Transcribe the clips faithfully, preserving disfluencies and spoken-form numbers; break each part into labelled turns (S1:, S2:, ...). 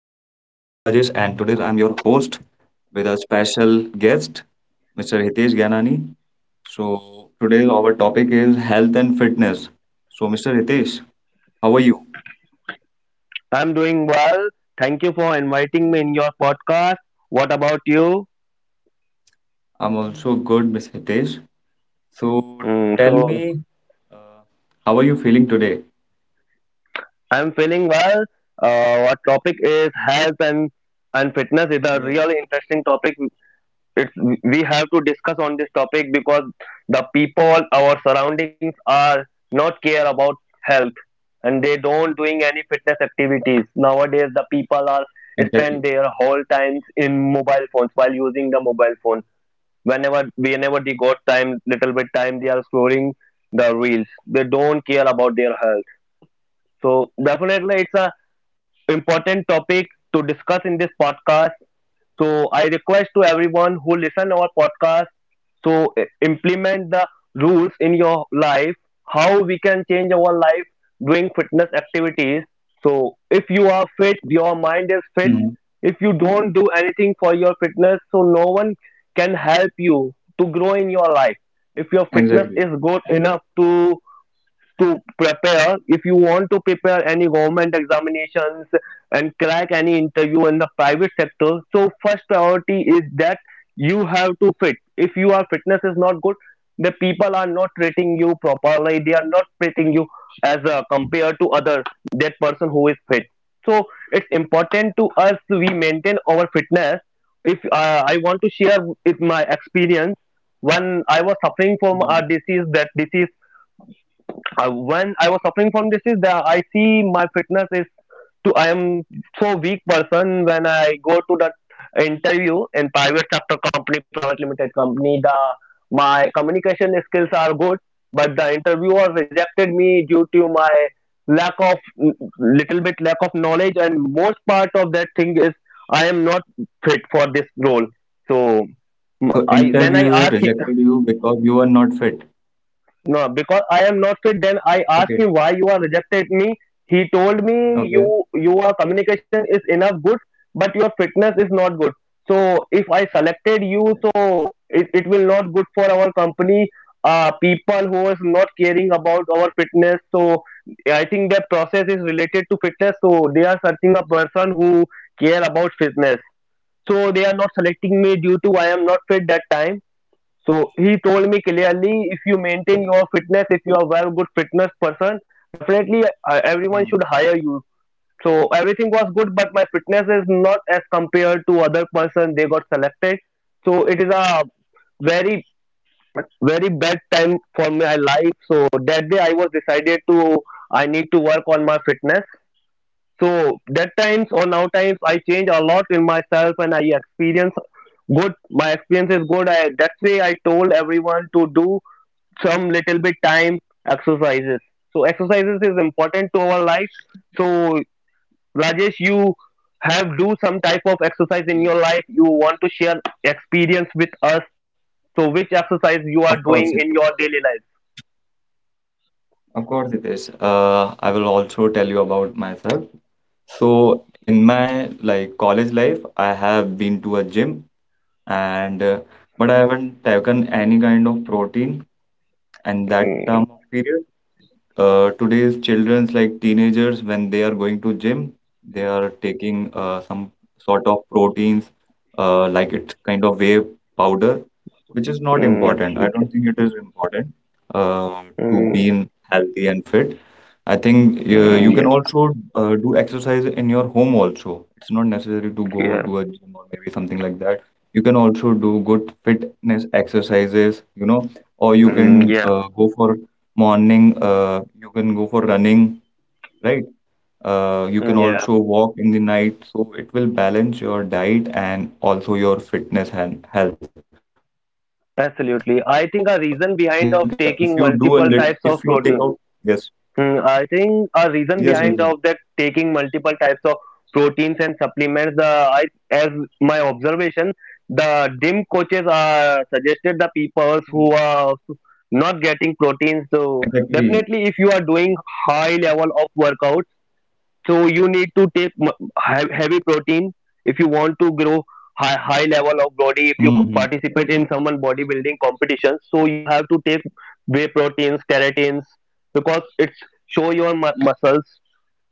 S1: Rajesh, and today I'm your host with a special guest, Mister Hitesh Gyanani. So, today our topic is health and fitness. So, Mister Hitesh, how are you?
S2: I'm doing well. Thank you for inviting me in your podcast. What about you?
S1: I'm also good, Miss Hitesh. So,
S2: Mm,
S1: tell
S2: so
S1: me, uh, how are you feeling today?
S2: I'm feeling well. Uh, our topic is health and and fitness is a
S1: Yes.
S2: really interesting topic. It's We have to discuss on this topic because the people, our surroundings are not care about health, and they don't doing any fitness activities. Nowadays, the people are
S1: Exactly.
S2: spend their whole times in mobile phones while using the mobile phone. whenever whenever they got time, little bit time, they are scrolling the reels. They don't care about their health. So definitely it's a important topic to discuss in this podcast. So I request to everyone who listen our podcast. So i- implement the rules in your life, how we can change our life doing fitness activities. So if you are fit, your mind is fit.
S1: Hmm.
S2: If you don't do anything for your fitness, so no one can help you to grow in your life. If your fitness is
S1: Exactly.
S2: good enough to to prepare, if you want to prepare any government examinations and crack any interview in the private sector, so first priority is that you have to fit. If your fitness is not good, the people are not treating you properly, they are not treating you as uh, compared to other, that person who is fit. So it's important to us, we maintain our fitness. If uh, I want to share with my experience, when I was suffering from a
S1: Hmm.
S2: disease, that disease, uh, when I was suffering from this, is that I see my fitness is to, I am so weak person, when I go to that interview in private sector company, private limited company. The my communication skills are good, but the interviewer rejected me due to my lack of, little bit lack of knowledge, and most part of that thing is I am not fit for this role. So
S1: So,
S2: m- I, when
S1: interviewer
S2: I ask,
S1: rejected you because you are not fit.
S2: no, because I am not fit. Then I
S1: Okay.
S2: asked him, why you are rejected me. He told me,
S1: Okay.
S2: you your communication is enough good, but your fitness is not good. So if I selected you,
S1: Okay.
S2: so it, it will not good for our company. Uh, people who is not caring about our fitness. So I think that process is related to fitness. So they are searching a person who care about fitness. So they are not selecting me due to I am not fit that time. So he told me clearly, if you maintain your fitness, if you are very good fitness person, definitely, uh, everyone
S1: Hmm.
S2: should hire you. So everything was good, but my fitness is not as compared to other person. They got selected, so it is a very very bad time for my life. So that day I was decided to, I need to work on my fitness. So that times or now times I change a lot in myself and I experience good. My experience is good. I That's way I told everyone to do some little bit time exercises. So exercises is important to our life. So Rajesh, you have do some type of exercise
S1: Yes.
S2: in your life. You want to share experience with us? So which exercise you
S1: Of
S2: are
S1: course.
S2: doing in your daily life?
S1: Of course it is. Uh, I will also tell you about myself. So in my like college life, I have been to a gym and uh, but I haven't taken any kind of protein and that term
S2: Mm,
S1: of period uh, Today's children's like teenagers when they are going to gym they are taking uh, some sort of proteins uh, like it's kind of whey powder which is not
S2: mm,
S1: important, I don't
S2: absolutely.
S1: think it is important uh, to
S2: Mm,
S1: be in healthy and fit. I think uh, you
S2: mm,
S1: can
S2: yeah,
S1: also uh, do exercise in your home also, it's not necessary to go
S2: yeah,
S1: to a gym or maybe something like that. You can also do good fitness exercises, you know, or you can
S2: mm, yeah,
S1: uh, go for morning, uh, you can go for running, right? uh, you
S2: mm,
S1: can
S2: yeah.
S1: also walk in the night, so it will balance your diet and also your fitness and health. So I think
S2: Absolutely.
S1: uh,
S2: I
S1: if
S2: think
S1: you
S2: a
S1: do a
S2: reason
S1: lit
S2: behind of
S1: if you take
S2: taking
S1: out
S2: multiple
S1: yes,
S2: types of protein. Mm,
S1: yes,
S2: I
S1: yes, yes.
S2: think a reason behind of that taking multiple types of proteins and supplements, the I, as my observation, the D I M
S1: Mm,
S2: coaches are suggested the people who are
S1: exactly.
S2: not getting proteins. So definitely, if you are doing high level of workout, so you need to take m- hea- heavy protein if you want to grow
S1: Hmm.
S2: high high level of body. If you participate in someone bodybuilding competitions, so you have to take whey proteins, keratins, because it's show your mu- muscles.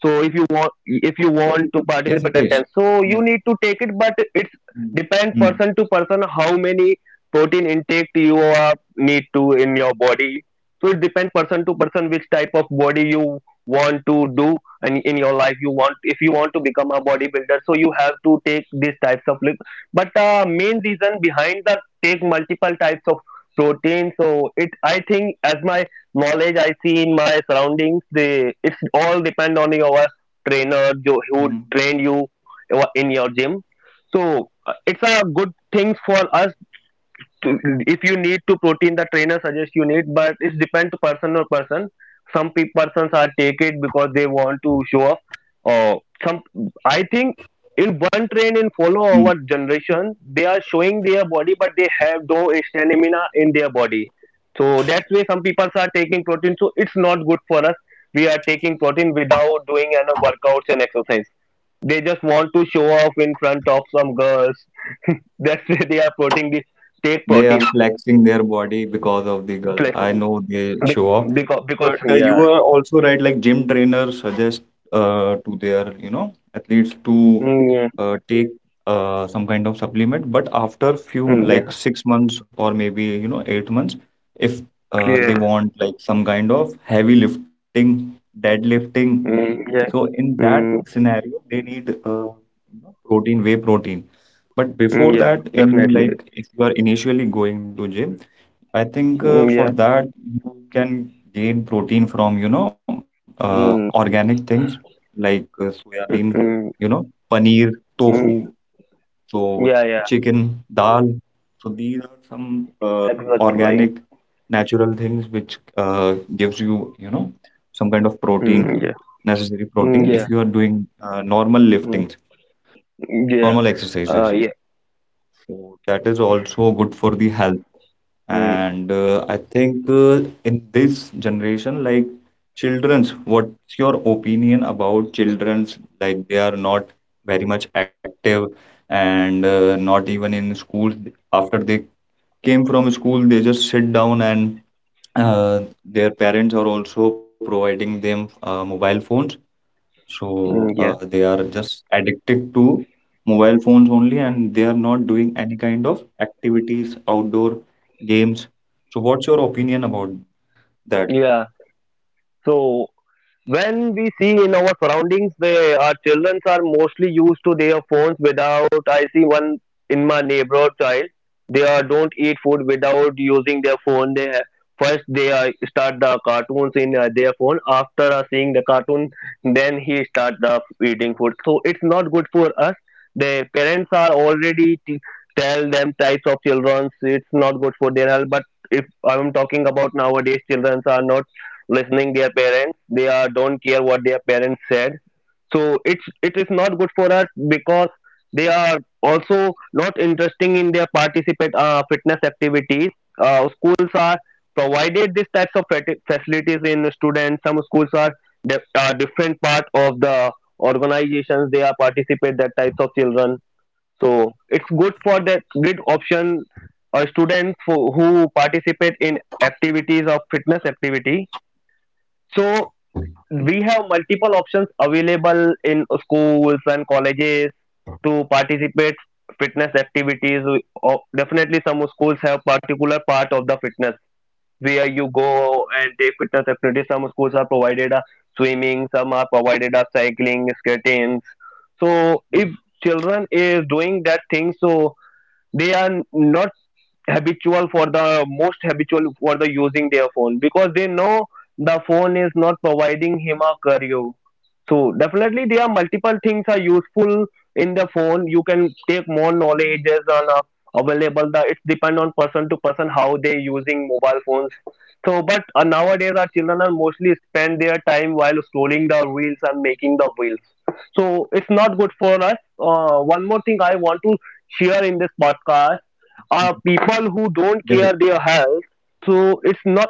S2: So if you want
S1: Yes it
S2: if
S1: is.
S2: you want to
S1: Yes.
S2: participate at ten, so you need to take
S1: Mm.
S2: it, but
S1: Mm.
S2: it's depend person to person how many protein intake you are need to in your body. So it depends person to person which type of body you want to do in, in your life. You want If you want to become a bodybuilder, so you have to take these types of lift. but uh, main reason behind the take multiple types of protein, so it, I think as my knowledge, I see in my surroundings, they it's all depend on your trainer
S1: Mm,
S2: jo- who trained you in your gym. So uh, it's a good thing for us. If you need to protein, the trainer suggests you need, but it depends person or person. Some pe- persons are take it because they want to show off. Or some, I think, in one train in
S1: mm.
S2: follow our generation, they are showing their body, but they have no stamina in their body. So that's why some people are taking protein. So it's not good for us, we are taking protein without doing any workouts and exercise. They just want to show off in front of some girls. That's why they are protein. They take
S1: They are
S2: proteins,
S1: flexing their body because of the girl.
S2: like,
S1: I know they show off.
S2: because because,
S1: But uh,
S2: yeah.
S1: you are also right, like gym trainers suggest uh, to their, you know, athletes to
S2: Mm, yeah.
S1: uh, take uh, some kind of supplement. But after few,
S2: Mm,
S1: like
S2: yeah,
S1: six months or maybe, you know, eight months, if uh,
S2: yeah.
S1: they want like some kind of heavy lifting, deadlifting,
S2: Mm, yeah.
S1: so in that
S2: Mm,
S1: scenario, they need uh, you know, protein, whey protein. But
S2: mm, yeah,
S1: before that, in
S2: definitely.
S1: like if you are initially going to gym, I think
S2: Mm,
S1: uh,
S2: yeah.
S1: for that you can gain protein from, you know, uh,
S2: Mm,
S1: organic things like uh, soya bean,
S2: mm,
S1: you
S2: mm,
S1: know, paneer, tofu,
S2: mm,
S1: so
S2: yeah, yeah,
S1: chicken, dal. So these are some uh,
S2: exactly.
S1: organic, natural things which uh, gives you, you know, some kind of protein,
S2: Mm, yeah.
S1: necessary
S2: Mm,
S1: protein
S2: yeah.
S1: if you are doing uh, normal
S2: Mm,
S1: liftings, normal
S2: yeah,
S1: exercises.
S2: uh yeah.
S1: So that is also good for the health.
S2: Mm,
S1: And uh, I think uh, in this generation, like children's, what's your opinion about children's? Like they are not very much active and uh, not even in school. After they came from school, they just sit down and uh, their parents are also providing them uh, mobile phones, so
S2: mm,
S1: uh,
S2: yeah,
S1: they are just addicted to mobile phones only, and they are not doing any kind of activities, outdoor games. So what's your opinion about that?
S2: yeah. So when we see in our surroundings, they our children are mostly used to their phones. Without, I see one in my neighborhood child, they are don't eat food without using their phone. They ha- first they are start the cartoons in uh, their phone, after uh, seeing the cartoon, then he start the eating food. So it's not good for us. The parents are already t- tell them types of children it's not good for their health, but if I'm talking about nowadays, children are not listening their parents. They are don't care what their parents said. So it's it is not good for us, because they are also not interesting in their participate, uh, fitness activities. Uh, schools are provided these types of fati- facilities in students. Some schools are dif- uh, different part of the organizations, they are participate that types of children. So it's good for that good option, uh, students who, who participate in activities of fitness activity. So we have multiple options available in schools and colleges to participate fitness activities. We- oh, definitely some schools have particular part of the fitness where you go and take fitness activities. Some schools are provided a swimming, some are provided a cycling, skating. So if children is doing that thing, so they are not habitual for the most habitual for the using their phone, because they know the phone is not providing him a career. So definitely there are multiple things are useful in the phone. You can take more knowledge as on uh, available. The it depend on person to person how they using mobile phones. So but uh, nowadays our children are mostly spend their time while scrolling the reels and making the reels. So it's not good for us. Uh, one more thing I want to here in this podcast are people who don't care
S1: Yes, it.
S2: their health. So it's not,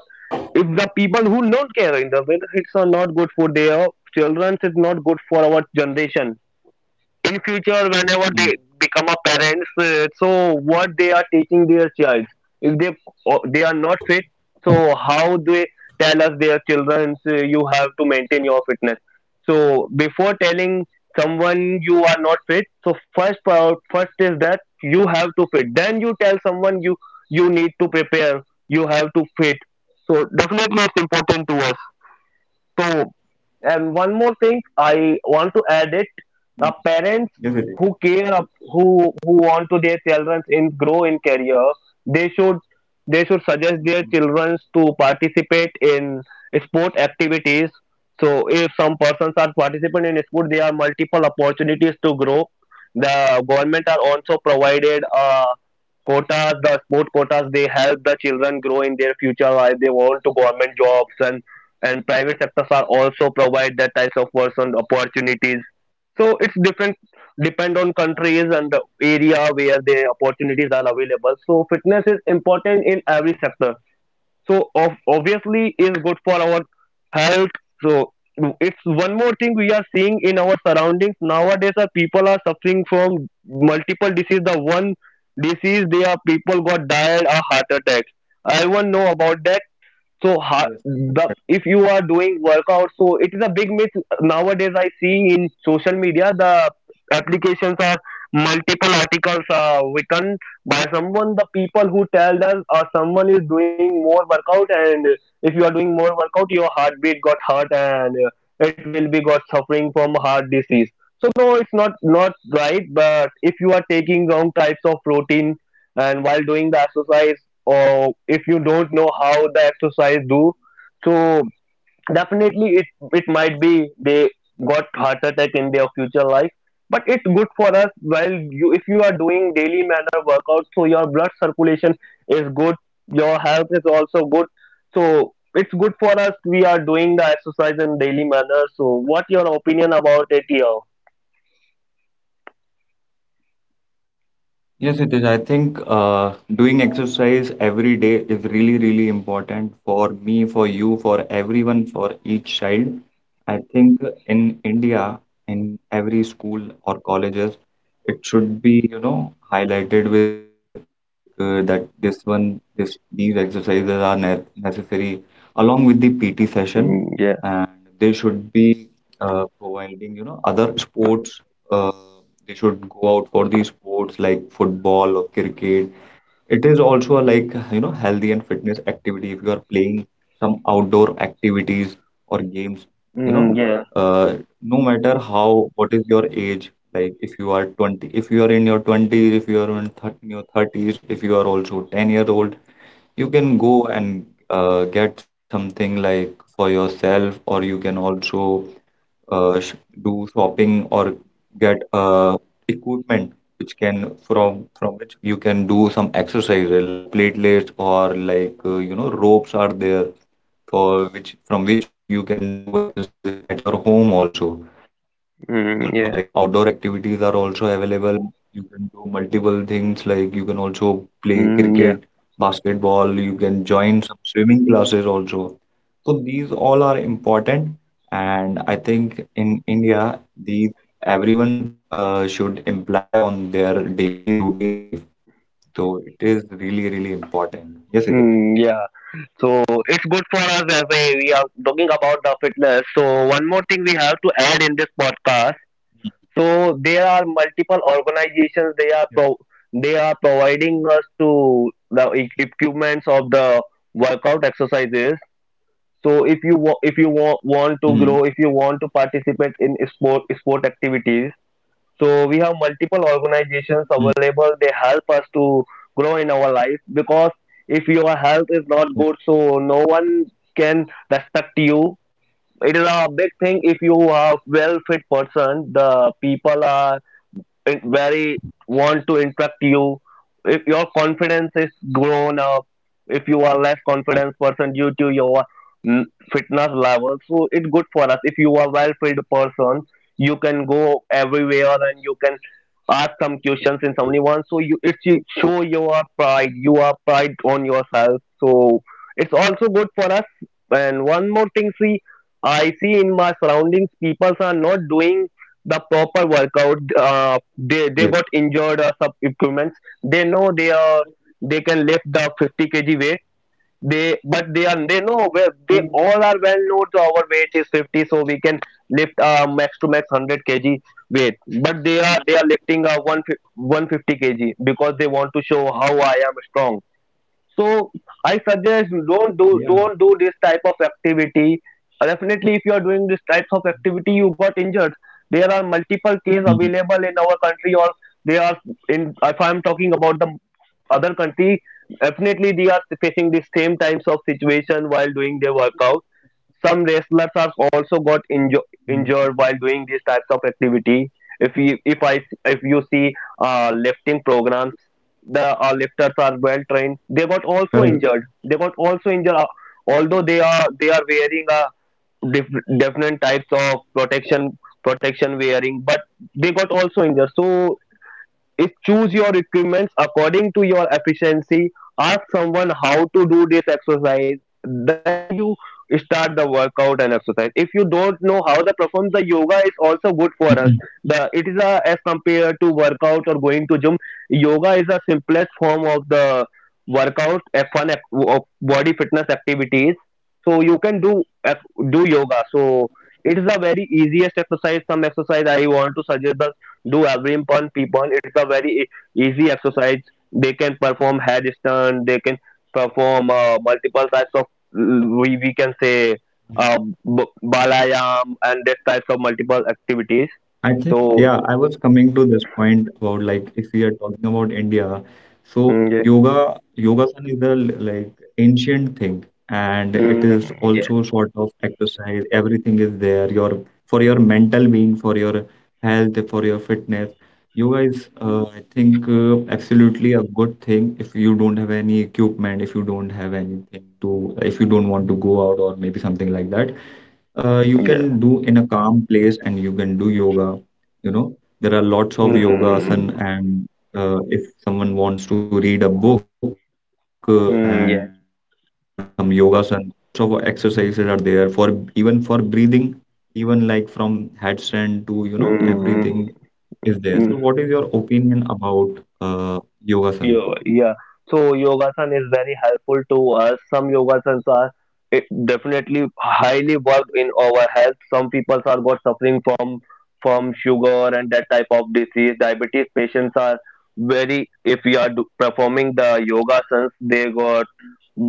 S2: if the people who don't care in the it, it's not good for their children. It's not good for our generation in future, whenever they
S1: Mm.
S2: become a parents, uh, so what they are teaching their child. If they, or they are not fit, so how they tell us their children, uh, you have to maintain your fitness. So before telling someone you are not fit, so first pro- first is that you have to fit, then you tell someone you you need to prepare, you have to fit. So definitely it's important to us. So, and one more thing, I want to add it. Uh, parents
S1: Mm.
S2: who care,
S1: Yes,
S2: ab-
S1: it is.
S2: who who want to their children in grow in career, they should they should suggest their children to
S1: Mm.
S2: participate in sport activities. So, if some persons are participating in sport, there are multiple opportunities to grow. The government are also provided uh, quotas, the sport quotas. They help the children grow in their future life. They want to government jobs, and and private sectors are also provide that types of person opportunities. So it's different, depend on countries and the area where the opportunities are available. So fitness is important in every sector. So of obviously is good for our health. So it's one more thing we are seeing in our surroundings. Nowadays our people are suffering from multiple disease. The one disease they are people got died a heart attack. I won't know about that. So ha- the
S1: Yes.
S2: if you are doing workout, so it is a big myth nowadays. I see in social media the applications are multiple articles, uh, written by someone. The people who tell us uh, someone is doing more workout, and if you are doing more workout, your heartbeat got hurt and uh, it will be got suffering from heart disease. So no, it's not not right. But if you are taking wrong types of protein and while doing the exercise, or if you don't know how the exercise do, so definitely it it might be they got heart attack in their future life, but it's good for us. While you, if you are doing daily manner workout, so your blood circulation is good, your health is also good. So it's good for us, we are doing the exercise in daily manner. So what your opinion about it here?
S1: Yes, it is. I think uh, doing exercise every day is really, really important, for me, for you, for everyone, for each child. I think in India, in every school or colleges, it should be, you know, highlighted with like uh, that this one, this these exercises are ne necessary along with the P T session,
S2: Mm, yeah.
S1: and they should be uh, providing, you know, other sports. Uh, they should go out for these sports like football or cricket. It is also a like, you know, healthy and fitness activity if you are playing some outdoor activities or games, you
S2: Mm,
S1: know,
S2: yeah.
S1: uh, no matter how, what is your age, like if you are twenty, if you are in your twenties, if you are in, thir in your thirties, if you are also ten year old, you can go and uh, get something like for yourself, or you can also uh, sh do shopping or get uh, equipment which can from from which you can do some exercises like platelets or like uh, you know ropes are there for which from which you can do exercise at your home also. Uh, also
S2: Mm,
S1: like
S2: yeah.
S1: outdoor activities are also available. You can do multiple things like you can also play
S2: Mm.
S1: cricket, basketball. You can join some swimming classes also. So these all are important, and I think in India, these everyone uh, should imply on their daily routine life. So it is really, really important. Yes, it is.
S2: Mm, yeah. So it's good for us, as a, we are talking about the fitness. So one more thing we have to add in this podcast. So there are multiple organizations, they are
S1: Yep.
S2: pro- they are providing us to the e- equipments of the workout exercises. So if you wa- if you wa- want to grow, if
S1: Mm,
S2: you want to participate in sport sport activities, so we have multiple organizations available.
S1: mm,
S2: They help us to grow in our life, because if your health is not good,
S1: yes,
S2: so no one can respect you. It is a big thing if you are well fit person. The people are in- very want to interact you, if your confidence is grown up, if you are less confident person due to your mm, fitness level. So it's good for us, if you are well fit person you can go everywhere and you can ask some questions in someone, so you it should show your pride, you are pride on yourself, so it's also good for us. And one more thing, see, I see in my surroundings people are not doing the proper workout. uh, they they got
S1: yes.
S2: injured or some equipments. They know they are they can lift the fifty kilograms weight. They, but they are they know where they all are well known to our weight is fifty, so we can lift uh, max to max one hundred kilograms weight, but they are they are lifting uh, 150 150 kg, because they want to show how I am strong. So I suggest, don't do don't do this type
S1: Yeah.
S2: of activity. Uh, definitely if you are doing this types of activity, you got injured. There are multiple cases available in our
S1: Mm,
S2: country, or they are in if I'm talking about the other country, definitely they are facing the same types of situation while doing their workout. Some wrestlers are also got inju- injured while
S1: mm.
S2: doing these types of activity. If you if I if you see uh, lifting programs, the uh, lifters are well trained, they got also injured, they got
S1: Correct.
S2: also injured uh, although they are they are wearing a diff- different types of protection, protection wearing, but they got also injured. So if choose your equipments according to your efficiency, ask someone how to do this exercise, then you start the workout and exercise. If you don't know how to perform the yoga, is also good for us. The It is
S1: Mm,
S2: a, as compared to workout or going to gym, yoga is a simplest form of the workout, a fun ac- of body fitness activities. So you can do ac- do yoga. So it is a very easiest exercise. Some exercise I want to suggest, do every pon p pon it's a very e- easy exercise. They can perform headstand, they can perform uh, multiple types of mm, we, we can say uh, b-
S1: mm.
S2: balayam and that types of multiple activities. So,
S1: I think, yeah, I was coming to this point about like if we are talking about India,
S2: mm,
S1: so
S2: yeah.
S1: yoga, yogasan is a l- like ancient thing, and it
S2: Mm,
S1: is
S2: yeah.
S1: also sort of exercise. Everything is there. Your for your mental being, for your health, for your fitness. Yoga is, uh, I think, uh, absolutely a good thing. If you don't have any equipment, if you don't have anything to, if you don't want to go out or maybe something like that, uh,
S2: Yeah.
S1: you can do in a calm place and you can do yoga. You know, there are lots of yoga
S2: Mm,
S1: asan, and uh, if someone wants to read a book uh, and they
S2: mm,
S1: want to
S2: yeah.
S1: learn some yoga asan, lots of exercises are there for even for breathing, even like from headstand to, you know,
S2: Mm. Mm.
S1: everything is there.
S2: Mm.
S1: So what is your opinion about uh, yoga
S2: Yo,
S1: asan?
S2: yeah. So yogasan is very helpful to us. Some yogasans are, it definitely highly worked in our health. Some people are got suffering from from sugar and that type of disease. Diabetes patients are very, if we are do, performing the yogasans, they got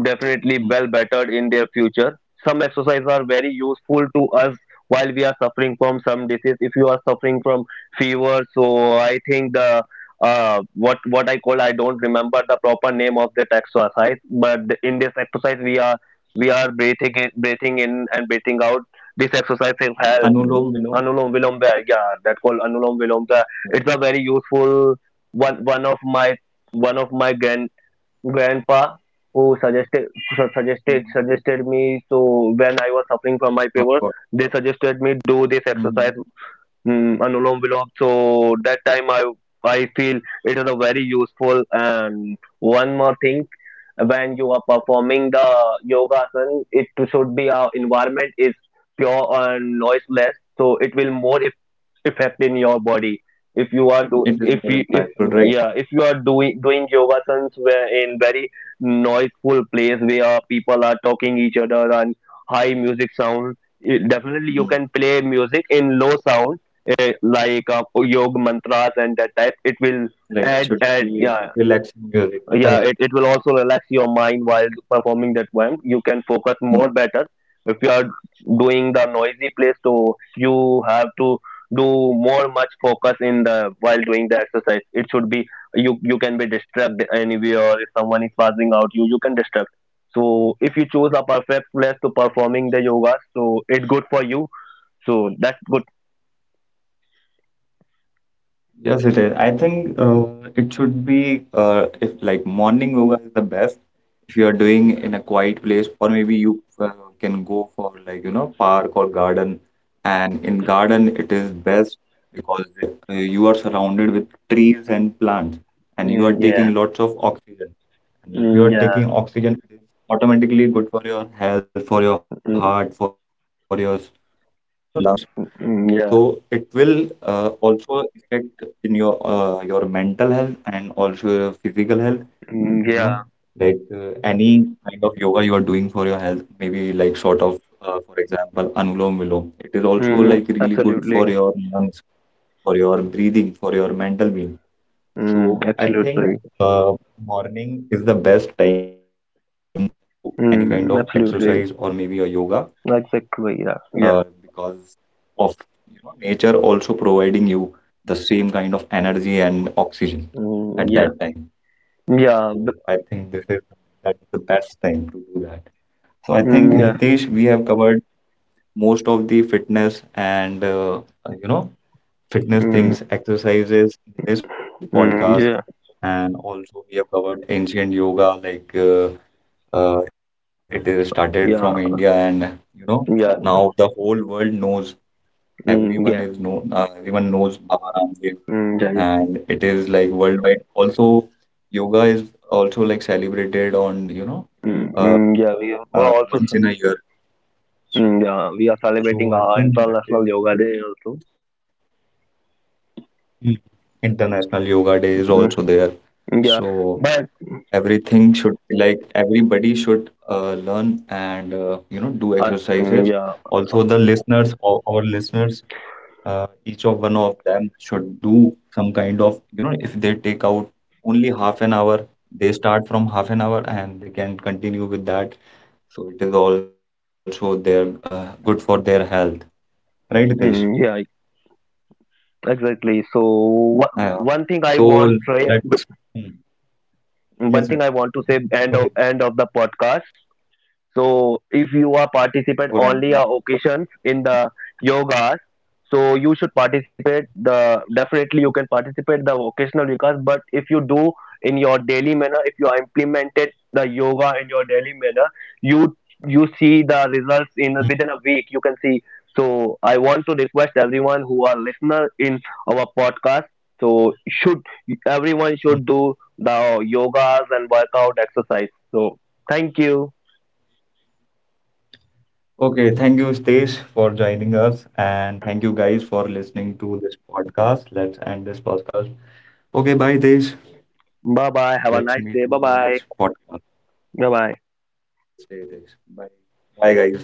S2: definitely well
S1: Hmm.
S2: bettered in their future. Some exercises are very useful to us while we are suffering from some disease. If you are suffering from fever, so I think the uh, what what I call, I don't remember the proper name of that exercise, but in this exercise we are we are breathing in, breathing in and breathing out. This exercise is
S1: Anulom
S2: hell.
S1: Vilom?
S2: Anulom Vilom Bhai, yeah, that called Anulom Vilom
S1: Yes.
S2: Bhai. It's a very useful one. One of my one of my grand grandpa who suggested su- suggested
S1: Hmm.
S2: suggested me. So when I was suffering from my
S1: Of
S2: fever,
S1: course.
S2: they suggested me do this exercise.
S1: Mhm.
S2: Mm, Anulom Vilom. So that time I I feel it is a very useful, and one more thing, when you are performing the yoga asan, it should be our environment is pure and noiseless, so it will more if effect in your body. If you
S1: It is
S2: are
S1: more
S2: do if
S1: impactful,
S2: you
S1: right?
S2: if Yeah, if you are doing doing yoga asans where in very noiseful place where people are talking each other and high music sound, it- definitely you can play music in low sound, eh, like uh, yoga mantras and that type, it
S1: Like
S2: will
S1: it should
S2: add
S1: be
S2: add yeah,
S1: relaxing music. Correct.
S2: yeah it, it will also relax your mind while performing that one, you can
S1: Mm.
S2: focus more better. If you are doing the noisy place, so you have to do more much focus in the while doing the exercise. It should be, you you can be disturbed anywhere, or if someone is passing out, you you can disturb. So if you choose a perfect place to performing the yoga, so it's good for you. So that's good.
S1: Yes, it is. I think uh, it should be uh, if like morning yoga is the best if you are doing in a quiet place, or maybe you uh, can go for like, you know, park or garden. And in garden, it is best because uh, you are surrounded with trees and plants, and you
S2: Mm,
S1: are
S2: yeah.
S1: taking lots of oxygen. And if
S2: Mm,
S1: you are
S2: yeah.
S1: taking oxygen, it is automatically good for your health, for your
S2: Mm,
S1: heart, for your, you know, lungs. So it
S2: mm, yeah.
S1: will uh, also affect in your uh, your mental health and also your physical health, you know,
S2: Mm, yeah.
S1: like uh, any kind of yoga you are doing for your health, maybe like sort of uh, for example, Anulom Vilom. It is also
S2: Mm,
S1: like really good
S2: absolutely.
S1: for your lungs, for your breathing, for your mental being.
S2: Mm,
S1: So I think
S2: absolutely.
S1: uh, morning is the best time to do any kind of exercise
S2: Mm,
S1: or maybe a
S2: absolutely.
S1: yoga,
S2: Exactly,
S1: uh,
S2: yeah, yeah.
S1: because of, you know, nature also providing you the same kind of energy and oxygen at
S2: Mm, yeah,
S1: that time.
S2: yeah,
S1: So
S2: but.
S1: I think this is that's the best time to do that. So I
S2: Mm,
S1: think
S2: yeah.
S1: Hitesh, we have covered most of the fitness and uh, uh, you know
S2: Mm.
S1: fitness things, exercises in this
S2: Mm, yeah,
S1: podcast, and also we have covered ancient yoga like uh, uh, it is started
S2: yeah,
S1: from India, and you know
S2: yeah.
S1: now the whole world knows
S2: Mm,
S1: everyone
S2: yeah.
S1: is known uh, everyone knows Baba Ramdev,
S2: Mm, yeah, yeah.
S1: and it is like worldwide also. Yoga is also like celebrated on, you know,
S2: Mm. Mm, yeah,
S1: uh,
S2: we are also,
S1: uh,
S2: ce-
S1: once in a year,
S2: mm, yeah, we are celebrating our
S1: so I
S2: International
S1: think that
S2: Yoga Day
S1: is
S2: also.
S1: Mm. International Yoga Day is also
S2: Mm.
S1: there,
S2: Mm, yeah,
S1: so
S2: but,
S1: everything should like everybody should uh, learn and uh, you know
S2: uh,
S1: do
S2: mm, yeah.
S1: exercises. Also the listeners our, our listeners, uh, each of one of them should do some kind of, you know, if they take out only half an hour, they start from half an hour and they can continue with that. So it is also their uh, good for their health, right Hitesh?
S2: Mm, yeah, exactly, so, wha-
S1: Yeah.
S2: one thing I
S1: So
S2: want to try,
S1: let's Hmm. Yes,
S2: one
S1: yes,
S2: thing I want to say, end
S1: yes,
S2: of
S1: Hitesh,
S2: end of the podcast. So if you are
S1: yes, before
S2: participant
S1: ending the
S2: only
S1: podcast.
S2: uh, occasions in the yogas, so you should participate the, definitely you can participate the occasional yogas, but if you do in your daily manner, if you are implemented the yoga in your daily manner, you you see the results in
S1: Hmm,
S2: within a week. You can see. So I want to request everyone who are listener in our podcast. So should everyone should do
S1: hmm.
S2: the yogas and workout exercise. So thank you.
S1: Okay, thank you, Stace, for joining us, and thank you guys for listening to this podcast. Let's end this podcast. Okay, bye, Hitesh.
S2: Bye bye. Have a nice day.
S1: Let's
S2: Bye
S1: meet to
S2: bye.
S1: the next podcast.
S2: Bye bye.
S1: Have a nice day, Desh. Bye. Bye, guys.